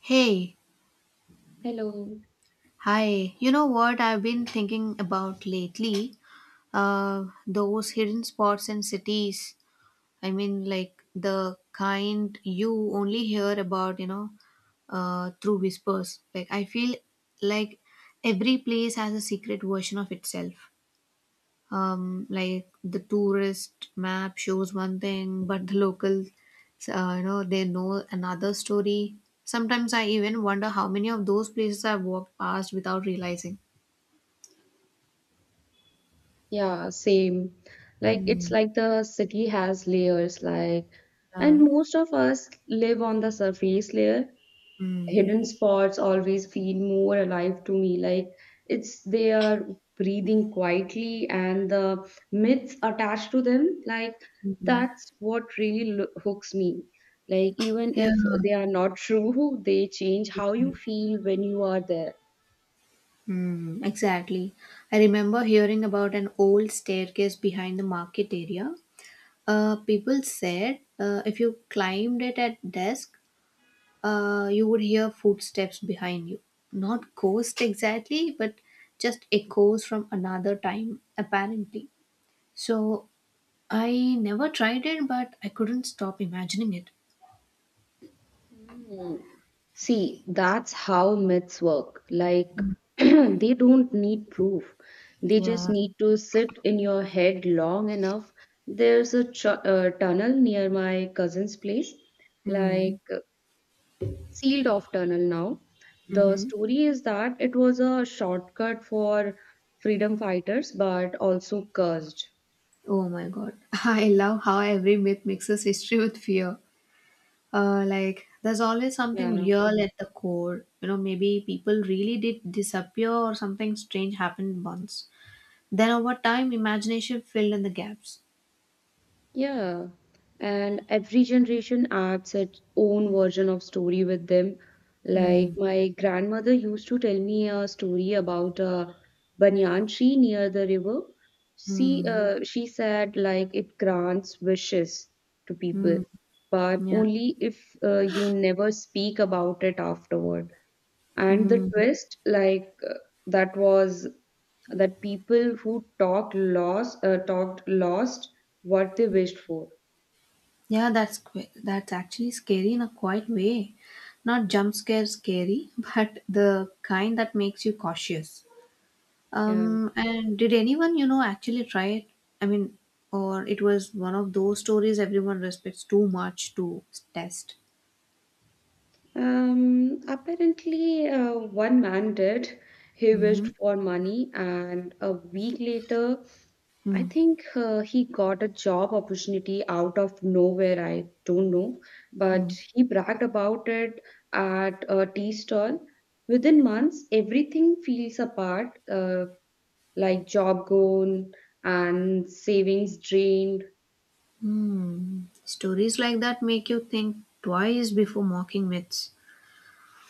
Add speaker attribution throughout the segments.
Speaker 1: Hey,
Speaker 2: Hello.
Speaker 1: hi. You know what I've been thinking about lately? Those hidden spots in cities. I mean, like the kind you only hear about, you know, through whispers. I feel like, every place has a secret version of itself. Like the tourist map shows one thing, but the locals, you know, they know another story. Sometimes I even wonder how many of those places I've walked past without realizing.
Speaker 2: Yeah, same. Like it's
Speaker 1: Hmm.
Speaker 2: like the city has layers, like,
Speaker 1: Yeah.
Speaker 2: and most of us live on the surface layer.
Speaker 1: Mm.
Speaker 2: Hidden spots always feel more alive to me. Like it's they are breathing quietly, and the myths attached to them, like
Speaker 1: Mhm.
Speaker 2: that's what really lo hooks me. Like even
Speaker 1: Yeah.
Speaker 2: if they are not true, they change how you feel when you are there.
Speaker 1: Mm, exactly. I remember hearing about an old staircase behind the market area. People said, if you climbed it at dusk, you would hear footsteps behind you. Not ghosts exactly, but just echoes from another time, apparently. So I never tried it, but I couldn't stop imagining it.
Speaker 2: Mm. See, that's how myths work. Like, they don't need proof. They just
Speaker 1: Yeah.
Speaker 2: need to sit in your head long enough. There's a tunnel near my cousin's place,
Speaker 1: Mm.
Speaker 2: like sealed off tunnel now. The
Speaker 1: Mm-hmm.
Speaker 2: story is that it was a shortcut for freedom fighters, but also cursed.
Speaker 1: Oh my god. I love how every myth mixes history with fear. There's always something
Speaker 2: Yeah.
Speaker 1: real at the core. You know, maybe people really did disappear or something strange happened once. Then over time, imagination filled in the gaps.
Speaker 2: Yeah, and every generation adds its own version of story with them. Like
Speaker 1: Mm,
Speaker 2: my grandmother used to tell me a story about a banyan tree near the river. She
Speaker 1: mm,
Speaker 2: uh, she said like it grants wishes to people,
Speaker 1: mm,
Speaker 2: but
Speaker 1: yeah,
Speaker 2: only if you never speak about it afterward, and the
Speaker 1: mm.
Speaker 2: twist like that was that people who talked lost what they wished for.
Speaker 1: That's actually scary in a quiet way. Not jump scare scary, but the kind that makes you cautious.
Speaker 2: Yeah.
Speaker 1: And did anyone, you know, actually try it? I mean, or it was one of those stories everyone respects too much to test.
Speaker 2: Apparently, one man did. He
Speaker 1: Mm-hmm.
Speaker 2: wished for money, and a week later, I
Speaker 1: Mm,
Speaker 2: think he got a job opportunity out of nowhere, I don't know,
Speaker 1: mm,
Speaker 2: but he bragged about it at a tea stall. Within months, everything feels apart, like job gone and savings drained.
Speaker 1: mm. Stories like that make you think twice before mocking myths.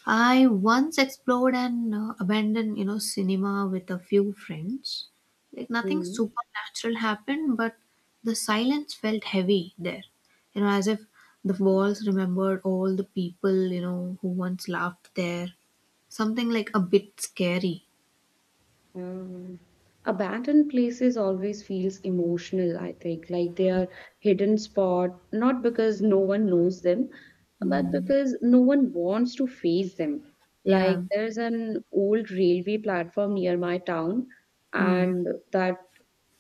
Speaker 1: I once explored an abandoned, you know, cinema with a few friends. Like nothing
Speaker 2: Mm.
Speaker 1: supernatural happened, but the silence felt heavy there. You know, as if the walls remembered all the people, you know, who once laughed there. Something like a bit scary.
Speaker 2: Um, Abandoned places always feels emotional, I think. Like they are hidden spot, not because no one knows them, but
Speaker 1: Mm.
Speaker 2: because no one wants to face them. Like
Speaker 1: Yeah.
Speaker 2: there's an old railway platform near my town,
Speaker 1: Mm.
Speaker 2: and that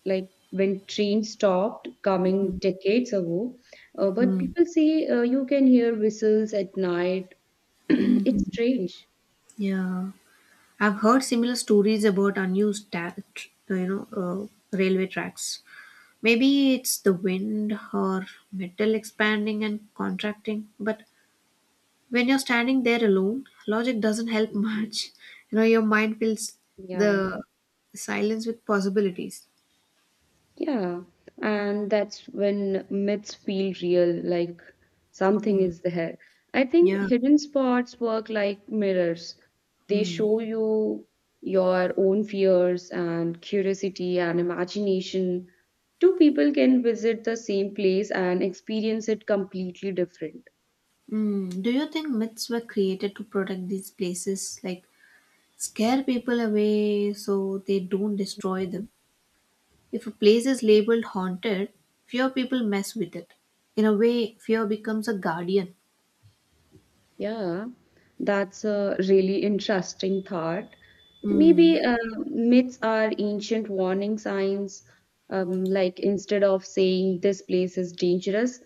Speaker 2: like when train stopped coming
Speaker 1: Mm.
Speaker 2: decades ago, but
Speaker 1: Mm.
Speaker 2: people say you can hear whistles at night. It's
Speaker 1: Hmm.
Speaker 2: strange.
Speaker 1: Yeah, I've heard similar stories about you know, railway tracks. Maybe it's the wind or metal expanding and contracting, but when you're standing there alone, logic doesn't help much. You know, your mind fills
Speaker 2: Yeah.
Speaker 1: the silence with possibilities.
Speaker 2: Yeah. And that's when myths feel real, like something
Speaker 1: Mm.
Speaker 2: is there. I think
Speaker 1: Yeah.
Speaker 2: hidden spots work like mirrors. They
Speaker 1: Mm.
Speaker 2: show you your own fears and curiosity and imagination. Two people can visit the same place and experience it completely different.
Speaker 1: Mm. Do you think myths were created to protect these places, like scare people away so they don't destroy them? If a place is labeled haunted, fewer people mess with it. In a way, fear becomes a guardian.
Speaker 2: Yeah, that's a really interesting thought.
Speaker 1: Mm.
Speaker 2: Maybe myths are ancient warning signs. Like instead of saying this place is dangerous,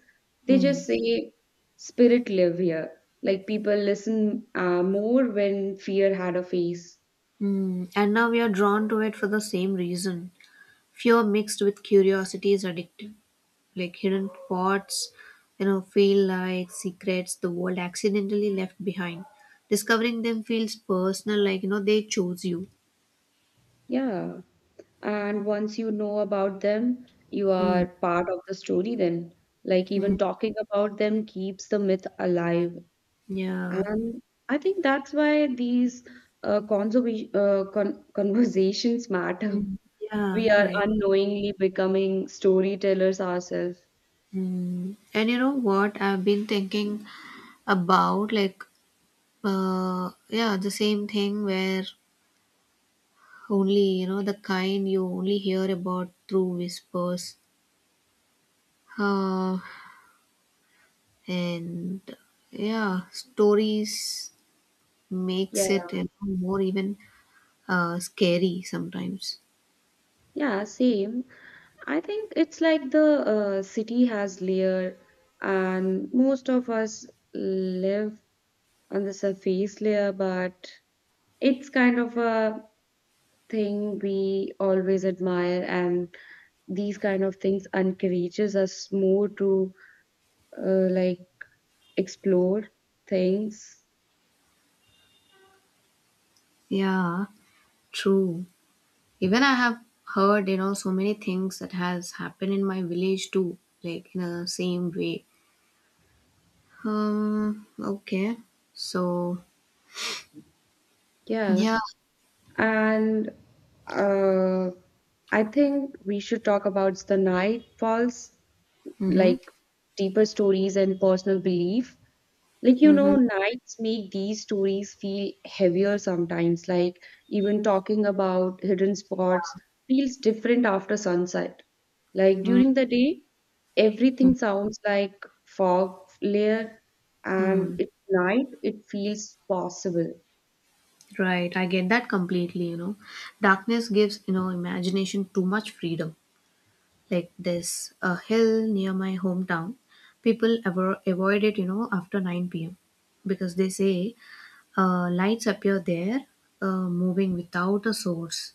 Speaker 2: they
Speaker 1: Mm.
Speaker 2: just say spirit live here. Like people listen more when fear had a face.
Speaker 1: Mm, and now we are drawn to it for the same reason. Fear mixed with curiosity is addictive. Like hidden pots, you know, feel like secrets the world accidentally left behind. Discovering them feels personal, like, you know, they chose you.
Speaker 2: Yeah, and once you know about them, you
Speaker 1: Mm,
Speaker 2: are part of the story then. Like
Speaker 1: mm,
Speaker 2: even talking about them keeps the myth alive.
Speaker 1: yeah.
Speaker 2: And I think that's why these conversations matter.
Speaker 1: Mm, yeah,
Speaker 2: We are
Speaker 1: right.
Speaker 2: unknowingly becoming storytellers ourselves.
Speaker 1: Mm. And you know what? I've been thinking about, like, yeah, the same thing where only, you know, the kind you only hear about through whispers. Uh, and yeah, stories
Speaker 2: Yeah,
Speaker 1: makes it, you know, more even scary sometimes.
Speaker 2: yeah, same. I think it's like the city has layer, and most of us live on the surface layer, but it's kind of a thing we always admire, and these kind of things encourages us more to like explore things.
Speaker 1: Yeah, true. Even I have heard, you know, so many things that has happened in my village too, like in the same way. Okay. So,
Speaker 2: Yeah.
Speaker 1: yeah.
Speaker 2: And uh, I think we should talk about the nightfalls,
Speaker 1: Mm-hmm.
Speaker 2: like deeper stories and personal belief. Like, you
Speaker 1: Mm-hmm.
Speaker 2: know, nights make these stories feel heavier sometimes. Like, even talking about hidden spots feels different after sunset. Like,
Speaker 1: Mm-hmm.
Speaker 2: during the day, everything sounds like fog layer, and
Speaker 1: Hmm.
Speaker 2: at night, it feels possible.
Speaker 1: Right, I get that completely, you know. Darkness gives, you know, imagination too much freedom. Like there's a hill near my hometown. Avoid it, you know, after 9 p.m. because they say lights appear there, moving without a source.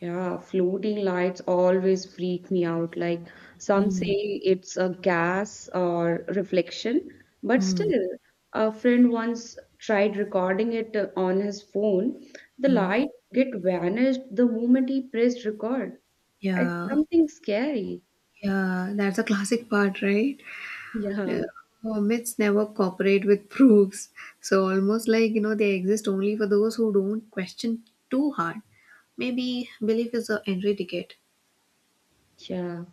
Speaker 2: Yeah, floating lights always freak me out. Like some
Speaker 1: Mm,
Speaker 2: say it's a gas or reflection, but
Speaker 1: mm,
Speaker 2: still, a friend once tried recording it on his phone. The
Speaker 1: mm.
Speaker 2: light get vanished the moment he pressed record. It's
Speaker 1: Yeah,
Speaker 2: something scary.
Speaker 1: yeah, that's a classic part, right? Yeah,
Speaker 2: Yeah,
Speaker 1: Hermits never cooperate with proofs. So almost like, you know, they exist only for those who don't question too hard. Maybe belief is the entry ticket.
Speaker 2: yeah.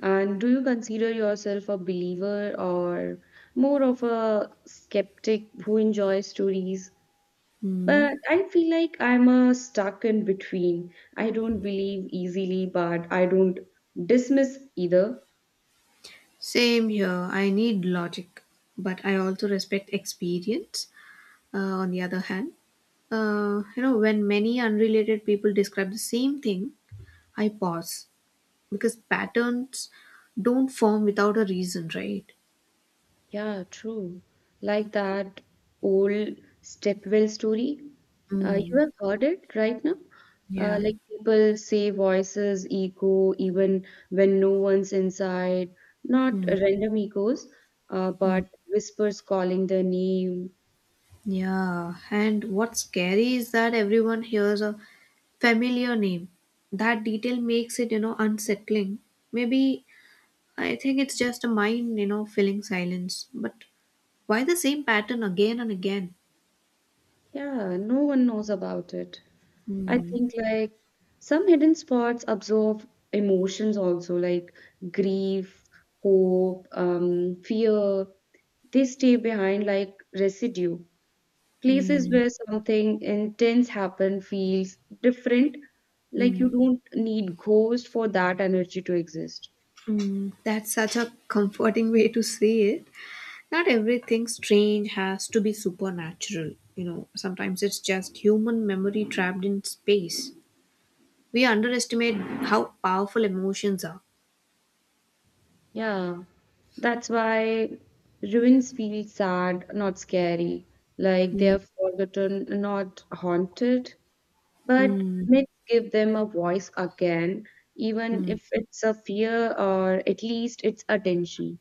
Speaker 2: And do you consider yourself a believer or more of a skeptic who enjoys stories?
Speaker 1: Hmm.
Speaker 2: But I feel like I'm a stuck in between. I don't believe easily, but I don't dismiss either.
Speaker 1: Same here. I need logic, but I also respect experience. Uh, on the other hand, you know, when many unrelated people describe the same thing, I pause because patterns don't form without a reason, right?
Speaker 2: Yeah, true. Like that old stepwell story. You
Speaker 1: Mm.
Speaker 2: have heard it right now?
Speaker 1: Yeah.
Speaker 2: Like people say voices echo even when no one's inside, not
Speaker 1: Hmm.
Speaker 2: random echoes,
Speaker 1: Hmm.
Speaker 2: but whispers calling their name.
Speaker 1: Yeah, and what's scary is that everyone hears a familiar name. That detail makes it, you know, unsettling. Maybe I think it's just a mind, you know, filling silence. But why the same pattern again and again?
Speaker 2: Yeah, no one knows about it. I
Speaker 1: Hmm.
Speaker 2: think like some hidden spots absorb emotions also, like grief, hope, fear. They stay behind like residue. Places
Speaker 1: Hmm.
Speaker 2: where something intense happened feels different. Like
Speaker 1: Hmm.
Speaker 2: you don't need ghost for that energy to exist.
Speaker 1: Hmm. That's such a comforting way to say it. Not everything strange has to be supernatural. You know, sometimes it's just human memory trapped in space. We underestimate how powerful emotions are.
Speaker 2: Yeah. That's why ruins feel sad, not scary. Like they
Speaker 1: Mm,
Speaker 2: are forgotten, not haunted. But
Speaker 1: mm,
Speaker 2: myths give them a voice again, even
Speaker 1: hmm.
Speaker 2: if it's a fear or at least it's attention.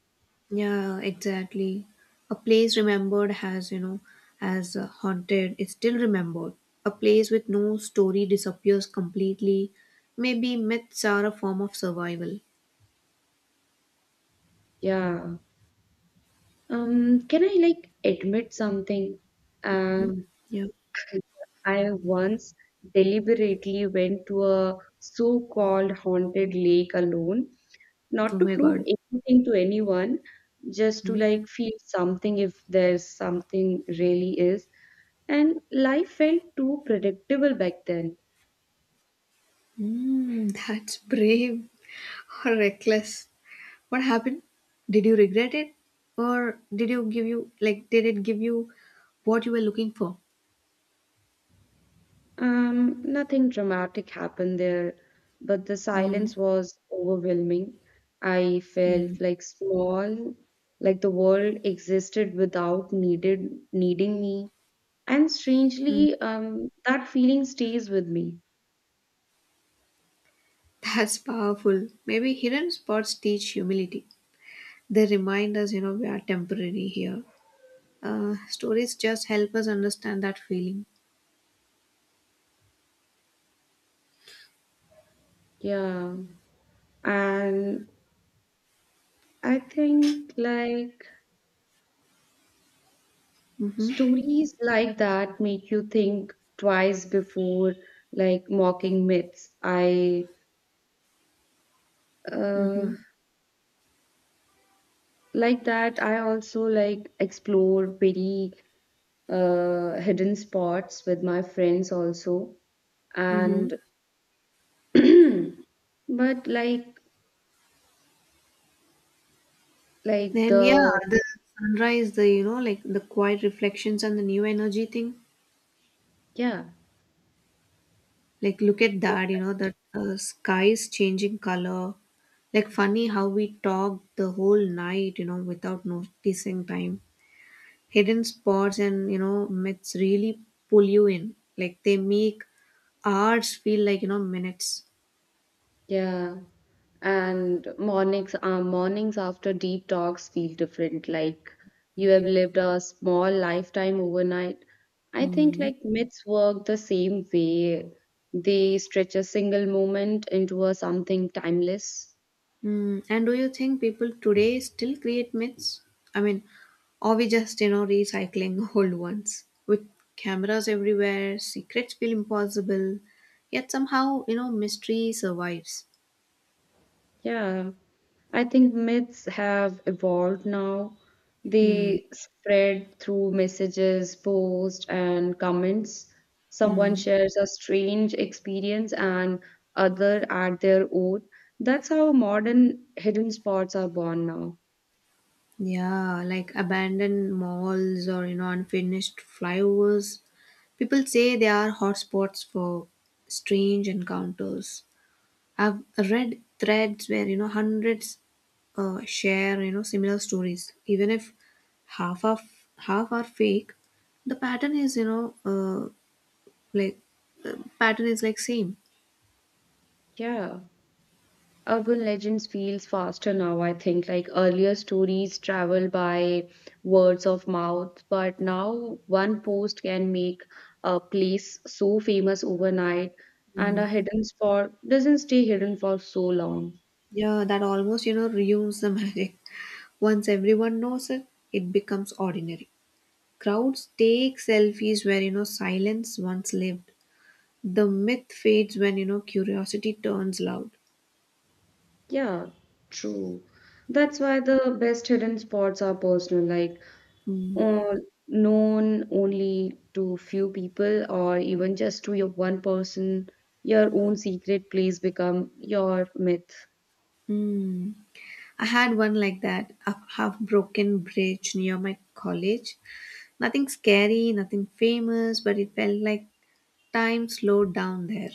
Speaker 1: Yeah, exactly. A place remembered has, you know, as haunted is still remembered. A place with no story disappears completely. Maybe myths are a form of survival.
Speaker 2: Yeah. Can I like admit something? Um,
Speaker 1: Yeah.
Speaker 2: I once deliberately went to a so-called haunted lake alone,
Speaker 1: Oh
Speaker 2: not to
Speaker 1: my
Speaker 2: prove
Speaker 1: god.
Speaker 2: anything to anyone, just to
Speaker 1: Hmm.
Speaker 2: like feel something if there's something really is. And life felt too predictable back then.
Speaker 1: Mm, that's brave or reckless. What happened? Did you regret it? Or did it give you what you were looking for?
Speaker 2: Nothing dramatic happened there, but the
Speaker 1: Mm,
Speaker 2: silence was overwhelming. I
Speaker 1: mm,
Speaker 2: felt like small, like the world existed without needed needing me. And
Speaker 1: mm.
Speaker 2: strangely, that feeling stays with me.
Speaker 1: That's powerful. Maybe hidden spots teach humility. They remind us, you know, we are temporary here. Stories just help us understand that feeling.
Speaker 2: Yeah. And I think like
Speaker 1: Mm-hmm,
Speaker 2: stories like that make you think twice before like mocking myths. I
Speaker 1: mm-hmm,
Speaker 2: uh, like that I also like explore very hidden spots with my friends also.
Speaker 1: mm-hmm.
Speaker 2: And but like
Speaker 1: And yeah,
Speaker 2: the
Speaker 1: the sunrise, the, you know, like the quiet reflections and the new energy thing.
Speaker 2: yeah,
Speaker 1: Like, look at that, you know, that sky is changing color. Like, funny how we talked the whole night, you know, without noticing time. Hidden spots and, you know, myths really pull you in. Like they make hours feel like, you know, minutes.
Speaker 2: yeah, and mornings after deep talks feel different, like you have lived a small lifetime overnight. I think
Speaker 1: Mm.
Speaker 2: like myths work the same way. They stretch a single moment into a something timeless.
Speaker 1: Mm. And do you think people today still create myths? I mean, or we just, you know, recycling old ones? With cameras everywhere, secrets feel impossible, yet somehow, you know, mystery survives.
Speaker 2: Yeah, I think myths have evolved now.
Speaker 1: Mm.
Speaker 2: They spread through messages, posts, and comments. Someone
Speaker 1: Mm.
Speaker 2: shares a strange experience and other add their own. That's how modern hidden spots are born now.
Speaker 1: Yeah, like abandoned malls or, you know, unfinished flyovers. People say they are hotspots for strange encounters. I've read threads where, you know, hundreds share, you know, similar stories, even if half are half are fake. The pattern is you know uh, like the pattern is like same.
Speaker 2: Yeah. Urban legends feels faster now, I think. Like earlier stories travel by words of mouth, but now one post can make a place so famous overnight, and a
Speaker 1: Mm.
Speaker 2: hidden spot doesn't stay hidden for so long.
Speaker 1: Yeah, that almost, you know, ruins the magic. Once everyone knows it, it becomes ordinary. Crowds take selfies where, you know, silence once lived. The myth fades when, you know, curiosity turns loud.
Speaker 2: Yeah, true. That's why the best hidden spots are personal, like
Speaker 1: Mm.
Speaker 2: uh, known only to few people or even just to your one person. Your own secret place become your myth.
Speaker 1: Mm. I had one like that, a half broken bridge near my college. Nothing scary, nothing famous, but it felt like time slowed down there.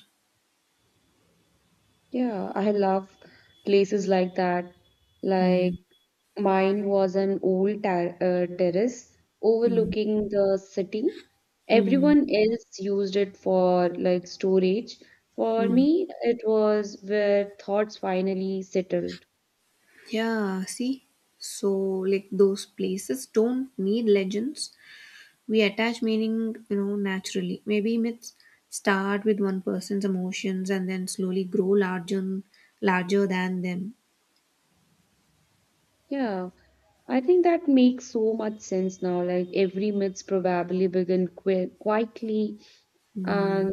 Speaker 2: Yeah, I love places like that.
Speaker 1: Hmm.
Speaker 2: Like mine was an old terrace
Speaker 1: Hmm.
Speaker 2: overlooking the city.
Speaker 1: Hmm.
Speaker 2: Everyone else used it for like storage. For
Speaker 1: Hmm.
Speaker 2: me, it was where thoughts finally settled.
Speaker 1: Yeah, see? So, like, those places don't need legends. We attach meaning, you know, naturally. Maybe myths start with one person's emotions and then slowly grow larger than them.
Speaker 2: Yeah, I think that makes so much sense now. Like every myths probably begin quietly,
Speaker 1: Hmm.
Speaker 2: and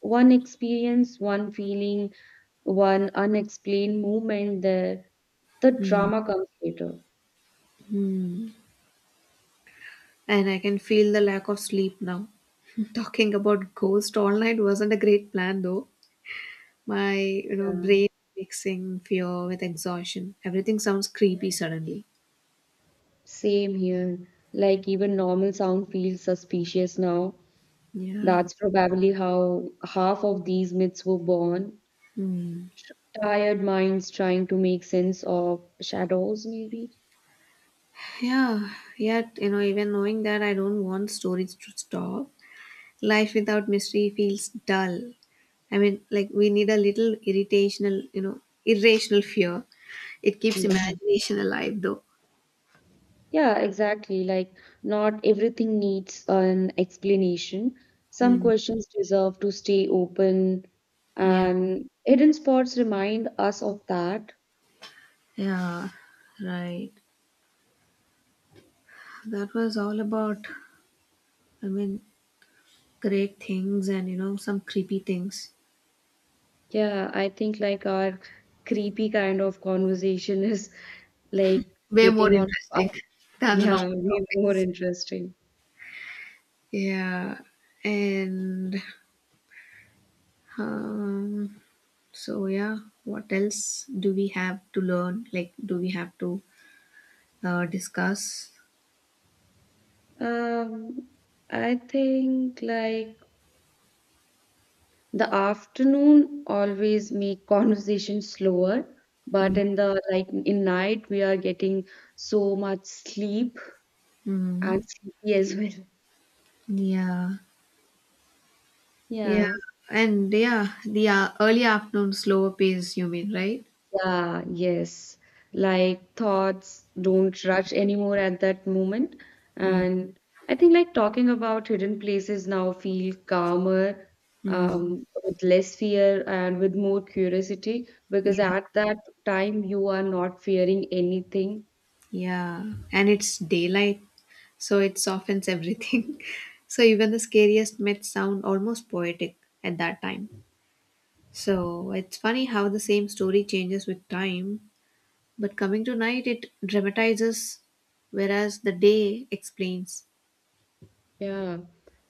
Speaker 2: one experience, one feeling, one unexplained moment there, the
Speaker 1: Hmm.
Speaker 2: drama comes later.
Speaker 1: Hmm. And I can feel the lack of sleep now. Talking about ghost all night wasn't a great plan though. My, you know, brain mixing fear with exhaustion. Everything sounds creepy suddenly.
Speaker 2: Same here. Like even normal sound feels suspicious now.
Speaker 1: Yeah.
Speaker 2: That's probably how half of these myths were born.
Speaker 1: Hmm.
Speaker 2: Tired minds trying to make sense of shadows, maybe.
Speaker 1: Yeah. Yet, you know, even knowing that, I don't want stories to stop. Life without mystery feels dull. I mean, like we need a little irritational, you know, irrational fear. It keeps
Speaker 2: Yeah.
Speaker 1: imagination alive, though.
Speaker 2: Yeah, exactly. Like, not everything needs an explanation. Some
Speaker 1: Mm,
Speaker 2: questions deserve to stay open,
Speaker 1: yeah,
Speaker 2: and hidden spots remind us of that.
Speaker 1: yeah, right. That was all about, I mean, great things and, you know, some creepy things.
Speaker 2: Yeah, I think like our creepy kind of conversation is like
Speaker 1: Way more
Speaker 2: getting on,
Speaker 1: interesting than the
Speaker 2: yeah,
Speaker 1: normal
Speaker 2: way more
Speaker 1: topics.
Speaker 2: interesting.
Speaker 1: Yeah, and um, so yeah, what else do we have to learn? Like, do we have to discuss.
Speaker 2: Um, I think like the afternoon always make conversation slower, but in the like in night we are getting so much sleep and
Speaker 1: Mm-hmm.
Speaker 2: sleepy as well.
Speaker 1: Yeah, yeah,
Speaker 2: Yeah.
Speaker 1: and yeah, the early afternoon slower pace. You mean, right?
Speaker 2: Yeah, yes. Like thoughts don't rush anymore at that moment. And I think like talking about hidden places now feel calmer,
Speaker 1: Mm-hmm.
Speaker 2: with less fear and with more curiosity because
Speaker 1: Yeah,
Speaker 2: at that time you are not fearing anything.
Speaker 1: yeah, and it's daylight, so it softens everything. So even the scariest myths sound almost poetic at that time. So it's funny how the same story changes with time, but coming to night, it dramatizes, whereas the day explains.
Speaker 2: Yeah.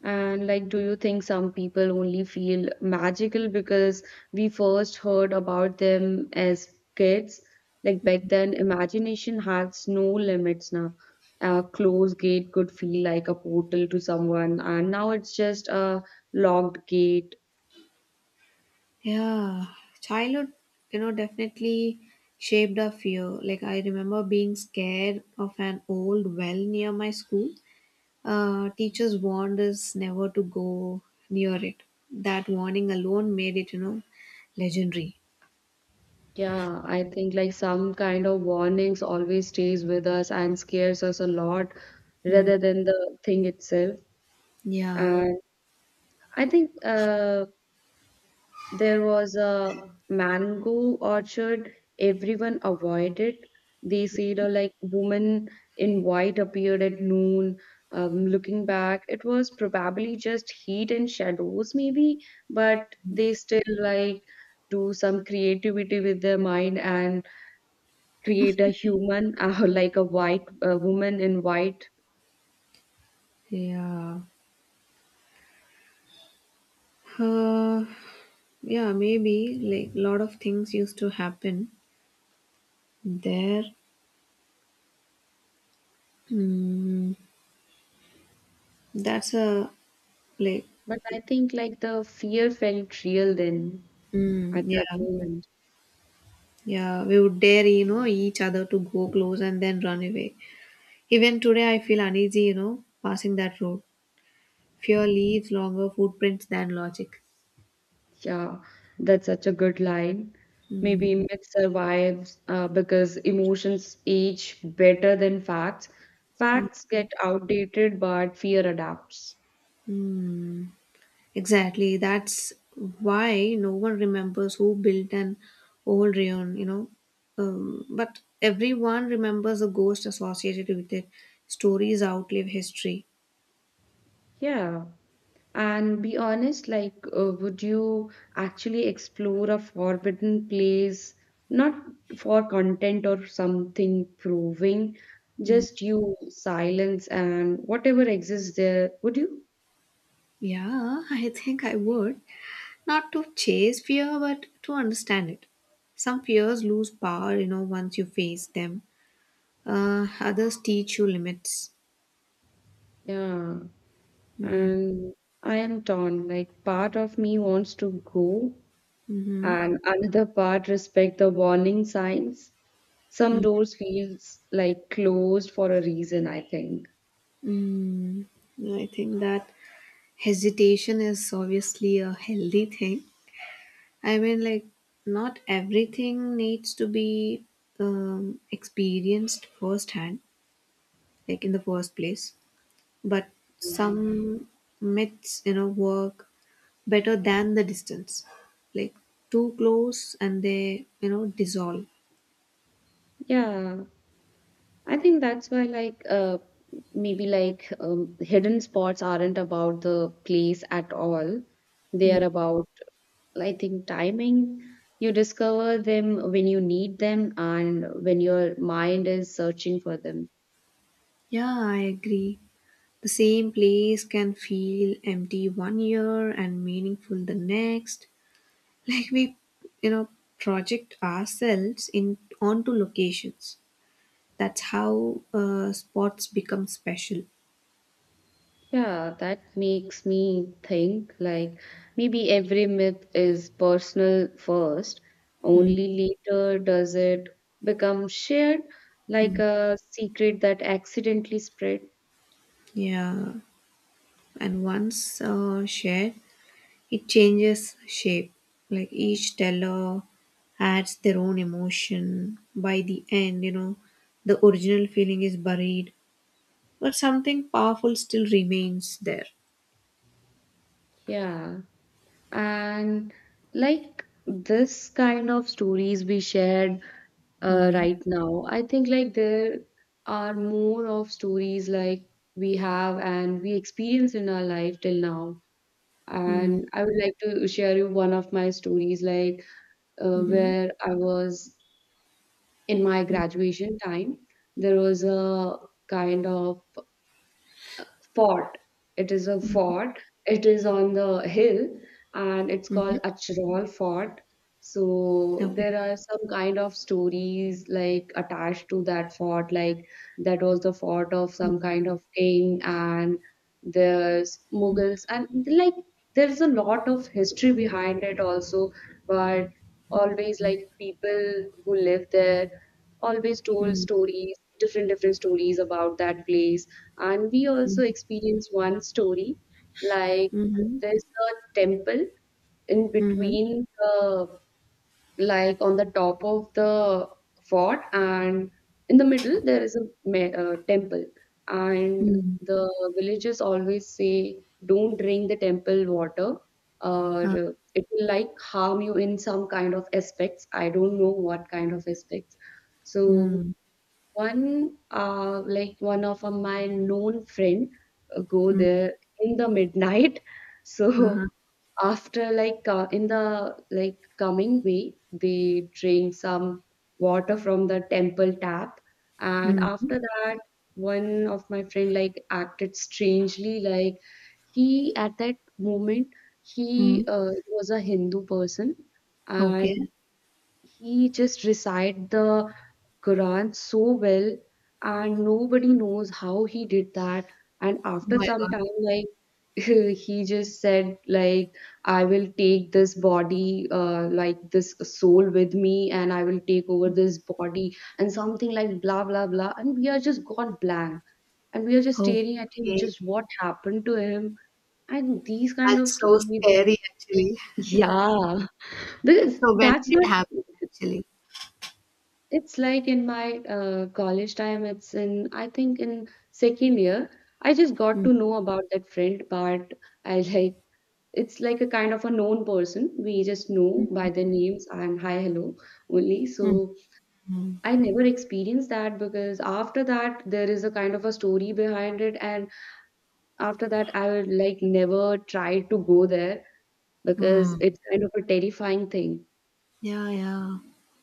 Speaker 2: And like, do you think some people only feel magical because we first heard about them as kids? Like back then, imagination has no limits now. A closed gate could feel like a portal to someone, and now it's just a locked gate.
Speaker 1: Yeah, childhood, you know, definitely shaped our fear. Like, I remember being scared of an old well near my school. Teachers warned us never to go near it. That warning alone made it, you know, legendary.
Speaker 2: Yeah, I think like some kind of warnings always stays with us and scares us a lot
Speaker 1: Mm,
Speaker 2: rather than the thing itself.
Speaker 1: yeah,
Speaker 2: And I think there was a mango orchard everyone avoided. They said, like, woman in white appeared at noon. Looking back, it was probably just heat and shadows, maybe, but they still like do some creativity with their mind and create a human, like a woman in white.
Speaker 1: yeah. Uh, yeah, maybe like a lot of things used to happen there. Mm, that's a like,
Speaker 2: But I think like the fear felt real then
Speaker 1: mm,
Speaker 2: at that
Speaker 1: yeah.
Speaker 2: moment.
Speaker 1: Yeah, we would dare, you know, each other to go close and then run away. Even today, I feel uneasy, you know, passing that road. Fear leaves longer footprints than logic.
Speaker 2: Yeah, that's such a good line.
Speaker 1: Mm.
Speaker 2: Maybe myth survives because emotions age better than facts.
Speaker 1: Yeah.
Speaker 2: Facts get outdated, but fear adapts.
Speaker 1: Mm. Exactly. That's why no one remembers who built an old rayon, you know. But everyone remembers the ghost associated with it. Stories outlive history.
Speaker 2: Yeah. And be honest, like, would you actually explore a forbidden place, not for content or something proving,
Speaker 1: Mm.
Speaker 2: just you, silence, and whatever exists there? Would you?
Speaker 1: Yeah, I think I would. Not to chase fear, but to understand it. Some fears lose power, you know, once you face them. Others teach you limits.
Speaker 2: Yeah.
Speaker 1: Mm.
Speaker 2: And I am torn. Like part of me wants to go,
Speaker 1: Mm-hmm.
Speaker 2: and another part respect the warning signs. Some doors feels like closed for a reason, I think.
Speaker 1: Mm, I think that hesitation is obviously a healthy thing. I mean, like, not everything needs to be experienced firsthand, like in the first place. But some myths, you know, work better than the distance. Like too close and they, you know, dissolve.
Speaker 2: Yeah, I think that's why like maybe like hidden spots aren't about the place at all. They
Speaker 1: Mm.
Speaker 2: are about, I think, timing. You discover them when you need them and when your mind is searching for them.
Speaker 1: Yeah, I agree. The same place can feel empty one year and meaningful the next. Like we, you know, project ourselves in onto locations. That's how spots become special.
Speaker 2: Yeah, that makes me think like maybe every myth is personal first, only later does it become shared, like
Speaker 1: Mm.
Speaker 2: a secret that accidentally spread.
Speaker 1: Yeah, and once shared, it changes shape. Like each teller adds their own emotion. By the end, you know, the original feeling is buried, but something powerful still remains there.
Speaker 2: Yeah. And like this kind of stories we shared
Speaker 1: Mm,
Speaker 2: right now, I think like there are more of stories like we have and we experience in our life till now,
Speaker 1: mm,
Speaker 2: and I would like to share you one of my stories, like
Speaker 1: mhm,
Speaker 2: where I was in my
Speaker 1: mm,
Speaker 2: graduation time. There was a kind of fort. It is a fort. It is on the hill, and it's
Speaker 1: mhm.
Speaker 2: called Achral Fort. So
Speaker 1: Okay.
Speaker 2: there are some kind of stories like attached to that fort, like that was the fort of some kind of king and there's Mughals and like there's a lot of history behind it also, but always like people who live there always told
Speaker 1: Mm,
Speaker 2: stories different stories about that place, and we
Speaker 1: mm,
Speaker 2: also
Speaker 1: mm,
Speaker 2: experience one story, like
Speaker 1: mhm,
Speaker 2: there's a temple in
Speaker 1: mhm,
Speaker 2: between the, like on the top of the fort, and in the middle there is a temple. And
Speaker 1: mm,
Speaker 2: the villagers always say don't drink the temple water or
Speaker 1: huh,
Speaker 2: it will like harm you in some kind of aspects. I don't know what kind of aspects. So
Speaker 1: mm,
Speaker 2: one of my known friend go
Speaker 1: mm,
Speaker 2: there in the midnight. So
Speaker 1: uh-huh,
Speaker 2: after like in the like coming way, they drink some water from the temple tap, and
Speaker 1: mm,
Speaker 2: after that, one of my friend like acted strangely. Like he at that moment, he
Speaker 1: mm.
Speaker 2: was a Hindu person, and
Speaker 1: Okay.
Speaker 2: he just recite the Quran so well, and nobody knows how he did that. And
Speaker 1: Oh
Speaker 2: after
Speaker 1: my
Speaker 2: some
Speaker 1: God.
Speaker 2: time, like he just said, like I will take this body, this soul with me, and I will take over this body, and something like blah blah blah. And we are just gone blank, and we are just staring at him,
Speaker 1: Okay.
Speaker 2: just what happened to him, and these kind of
Speaker 1: That's so
Speaker 2: stories, like
Speaker 1: scary, actually.
Speaker 2: yeah, because
Speaker 1: So when did
Speaker 2: that's
Speaker 1: it
Speaker 2: not.
Speaker 1: happen actually?
Speaker 2: It's like in my college time, it's in, I think in second year, I just got
Speaker 1: Mm,
Speaker 2: to know about that friend, but I like, it's like a kind of a known person. We just know by their names and hi, hello only.
Speaker 1: mm,
Speaker 2: So I never experienced that because after that, there is a kind of a story behind it. And after that, I would like never try to go there because
Speaker 1: mm.
Speaker 2: it's kind of a terrifying thing.
Speaker 1: Yeah, yeah.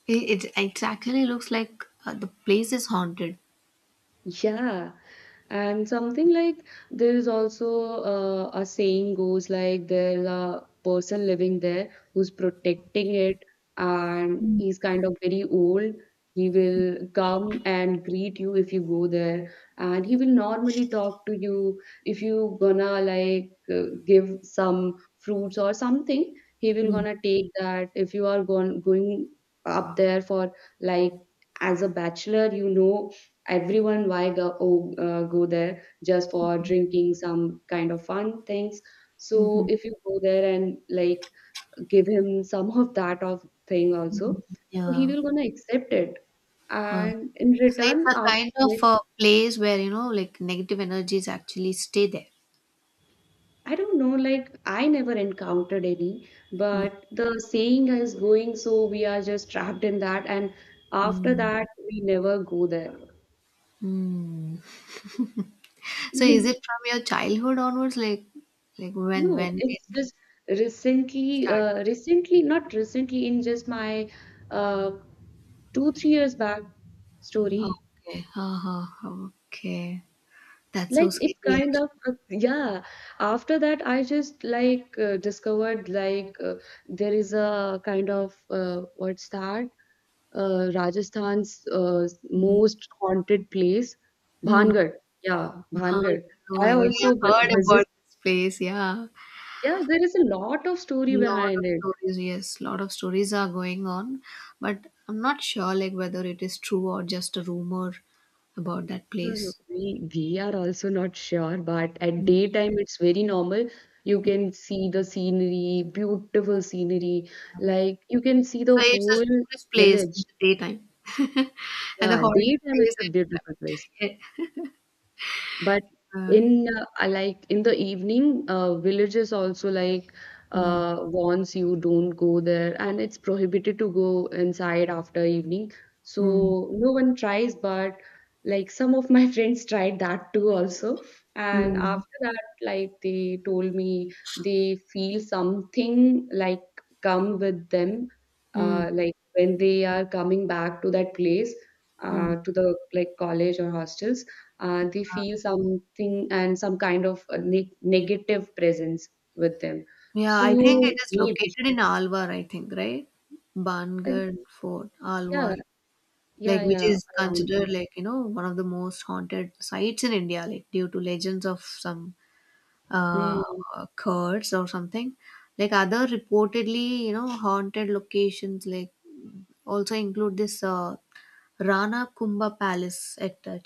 Speaker 1: It actually looks like the place is haunted.
Speaker 2: Yeah. And something like there is also a saying goes like there's a person living there who's protecting it, and
Speaker 1: Mm,
Speaker 2: he's kind of very old. He will come and greet you if you go there, and he will normally talk to you if you gonna like give some fruits or something. He will
Speaker 1: mm,
Speaker 2: gonna take that if you are going up there for like, as a bachelor, you know, everyone why go go there just for drinking some kind of fun things. So
Speaker 1: mhm.
Speaker 2: if you go there and like give him some of that of thing also, so he
Speaker 1: Yeah.
Speaker 2: will gonna accept it,
Speaker 1: Uh,
Speaker 2: and in
Speaker 1: so it's
Speaker 2: return
Speaker 1: a
Speaker 2: after
Speaker 1: kind of
Speaker 2: like,
Speaker 1: a place where, you know, like negative energies actually stay there.
Speaker 2: I don't know, like I never encountered any,
Speaker 1: Mm,
Speaker 2: but the saying is going, so we are just trapped in that. And after
Speaker 1: mm,
Speaker 2: that we never go there.
Speaker 1: mm. So is it from your childhood onwards? Like,
Speaker 2: No,
Speaker 1: when it
Speaker 2: it's just recently,
Speaker 1: started?
Speaker 2: recently, not recently, in just my uh, 2, 3 years back story.
Speaker 1: Okay. Uh-huh. Okay. That's so
Speaker 2: Like
Speaker 1: scary
Speaker 2: it's kind
Speaker 1: actually.
Speaker 2: of yeah. After that, I just like discovered like there is a kind of what's that? Rajasthan's
Speaker 1: Mm,
Speaker 2: most haunted place,
Speaker 1: mm.
Speaker 2: Bhangad. Yeah,
Speaker 1: Oh,
Speaker 2: Bhangad.
Speaker 1: oh
Speaker 2: I
Speaker 1: my God,
Speaker 2: also
Speaker 1: I heard
Speaker 2: visit.
Speaker 1: about this place. Yeah,
Speaker 2: Yeah, there is a lot of story
Speaker 1: lot of
Speaker 2: behind it.
Speaker 1: stories. Yes, lot of stories are going on, but I'm not sure like whether it is true or just a rumor about that
Speaker 2: No, no,
Speaker 1: place.
Speaker 2: we are also not sure, but at
Speaker 1: Mm.
Speaker 2: daytime it's very normal. You can see the scenery, beautiful scenery. Like you can see the
Speaker 1: So it's a
Speaker 2: whole
Speaker 1: tourist place in
Speaker 2: village.
Speaker 1: the daytime, and the
Speaker 2: Yeah,
Speaker 1: horrible
Speaker 2: daytime it's a
Speaker 1: place at
Speaker 2: beautiful place.
Speaker 1: night.
Speaker 2: But
Speaker 1: Uh,
Speaker 2: in I like in the evening, villages also like
Speaker 1: mm,
Speaker 2: warns you don't go there, and it's prohibited to go inside after evening.
Speaker 1: mm,
Speaker 2: So no one tries, but like some of my friends tried that too also. And
Speaker 1: mm,
Speaker 2: after that, like they told me they feel something like come with them,
Speaker 1: mm,
Speaker 2: like when they are coming back to that place,
Speaker 1: mm.
Speaker 2: to the like college or hostels, they feel something and some kind of a negative presence with them.
Speaker 1: Yeah, I think it
Speaker 2: So
Speaker 1: is
Speaker 2: maybe,
Speaker 1: located in Alwar. I think, right,
Speaker 2: uh,
Speaker 1: Bangar Fort,
Speaker 2: yeah,
Speaker 1: Alwar. Like
Speaker 2: yeah,
Speaker 1: which
Speaker 2: yeah,
Speaker 1: is
Speaker 2: around
Speaker 1: considered,
Speaker 2: that.
Speaker 1: like, you know, one of the most haunted sites in India, like due to legends of some
Speaker 2: Mm,
Speaker 1: uh curds or something. Like other reportedly, you know, haunted locations like also include this Rana Kumbha Palace at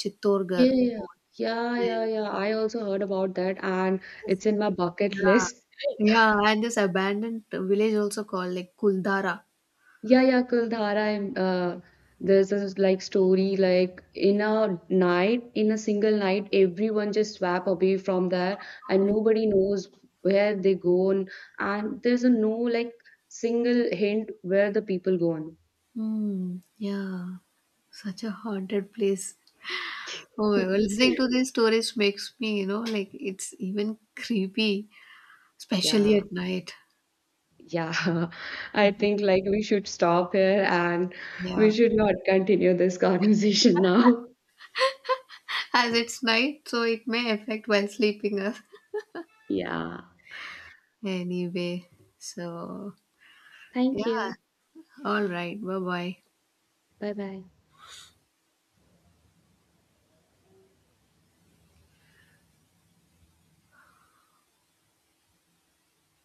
Speaker 2: yeah,
Speaker 1: Chittorgarh.
Speaker 2: yeah, yeah, yeah,
Speaker 1: And
Speaker 2: yeah. I also heard about that, and
Speaker 1: this—
Speaker 2: it's in my bucket
Speaker 1: yeah,
Speaker 2: list.
Speaker 1: yeah, and this abandoned village also called like Kuldara.
Speaker 2: Yeah, yeah, Kuldhara. Uh, there's this like story like in a night, in a single night, everyone just swap away from there, and nobody knows where they go on, and there's a no like single hint where the people go on.
Speaker 1: Hmm. Yeah, such a haunted place. Oh, listening to these stories makes me, you know, like it's even creepy, especially
Speaker 2: Yeah,
Speaker 1: at night.
Speaker 2: yeah. I think like we should stop here and
Speaker 1: Yeah.
Speaker 2: we should not continue this conversation now.
Speaker 1: As it's night, so it may affect while sleeping us
Speaker 2: Yeah.
Speaker 1: anyway. So,
Speaker 2: Thank
Speaker 1: yeah.
Speaker 2: you.
Speaker 1: All right. Bye bye.
Speaker 2: Bye bye.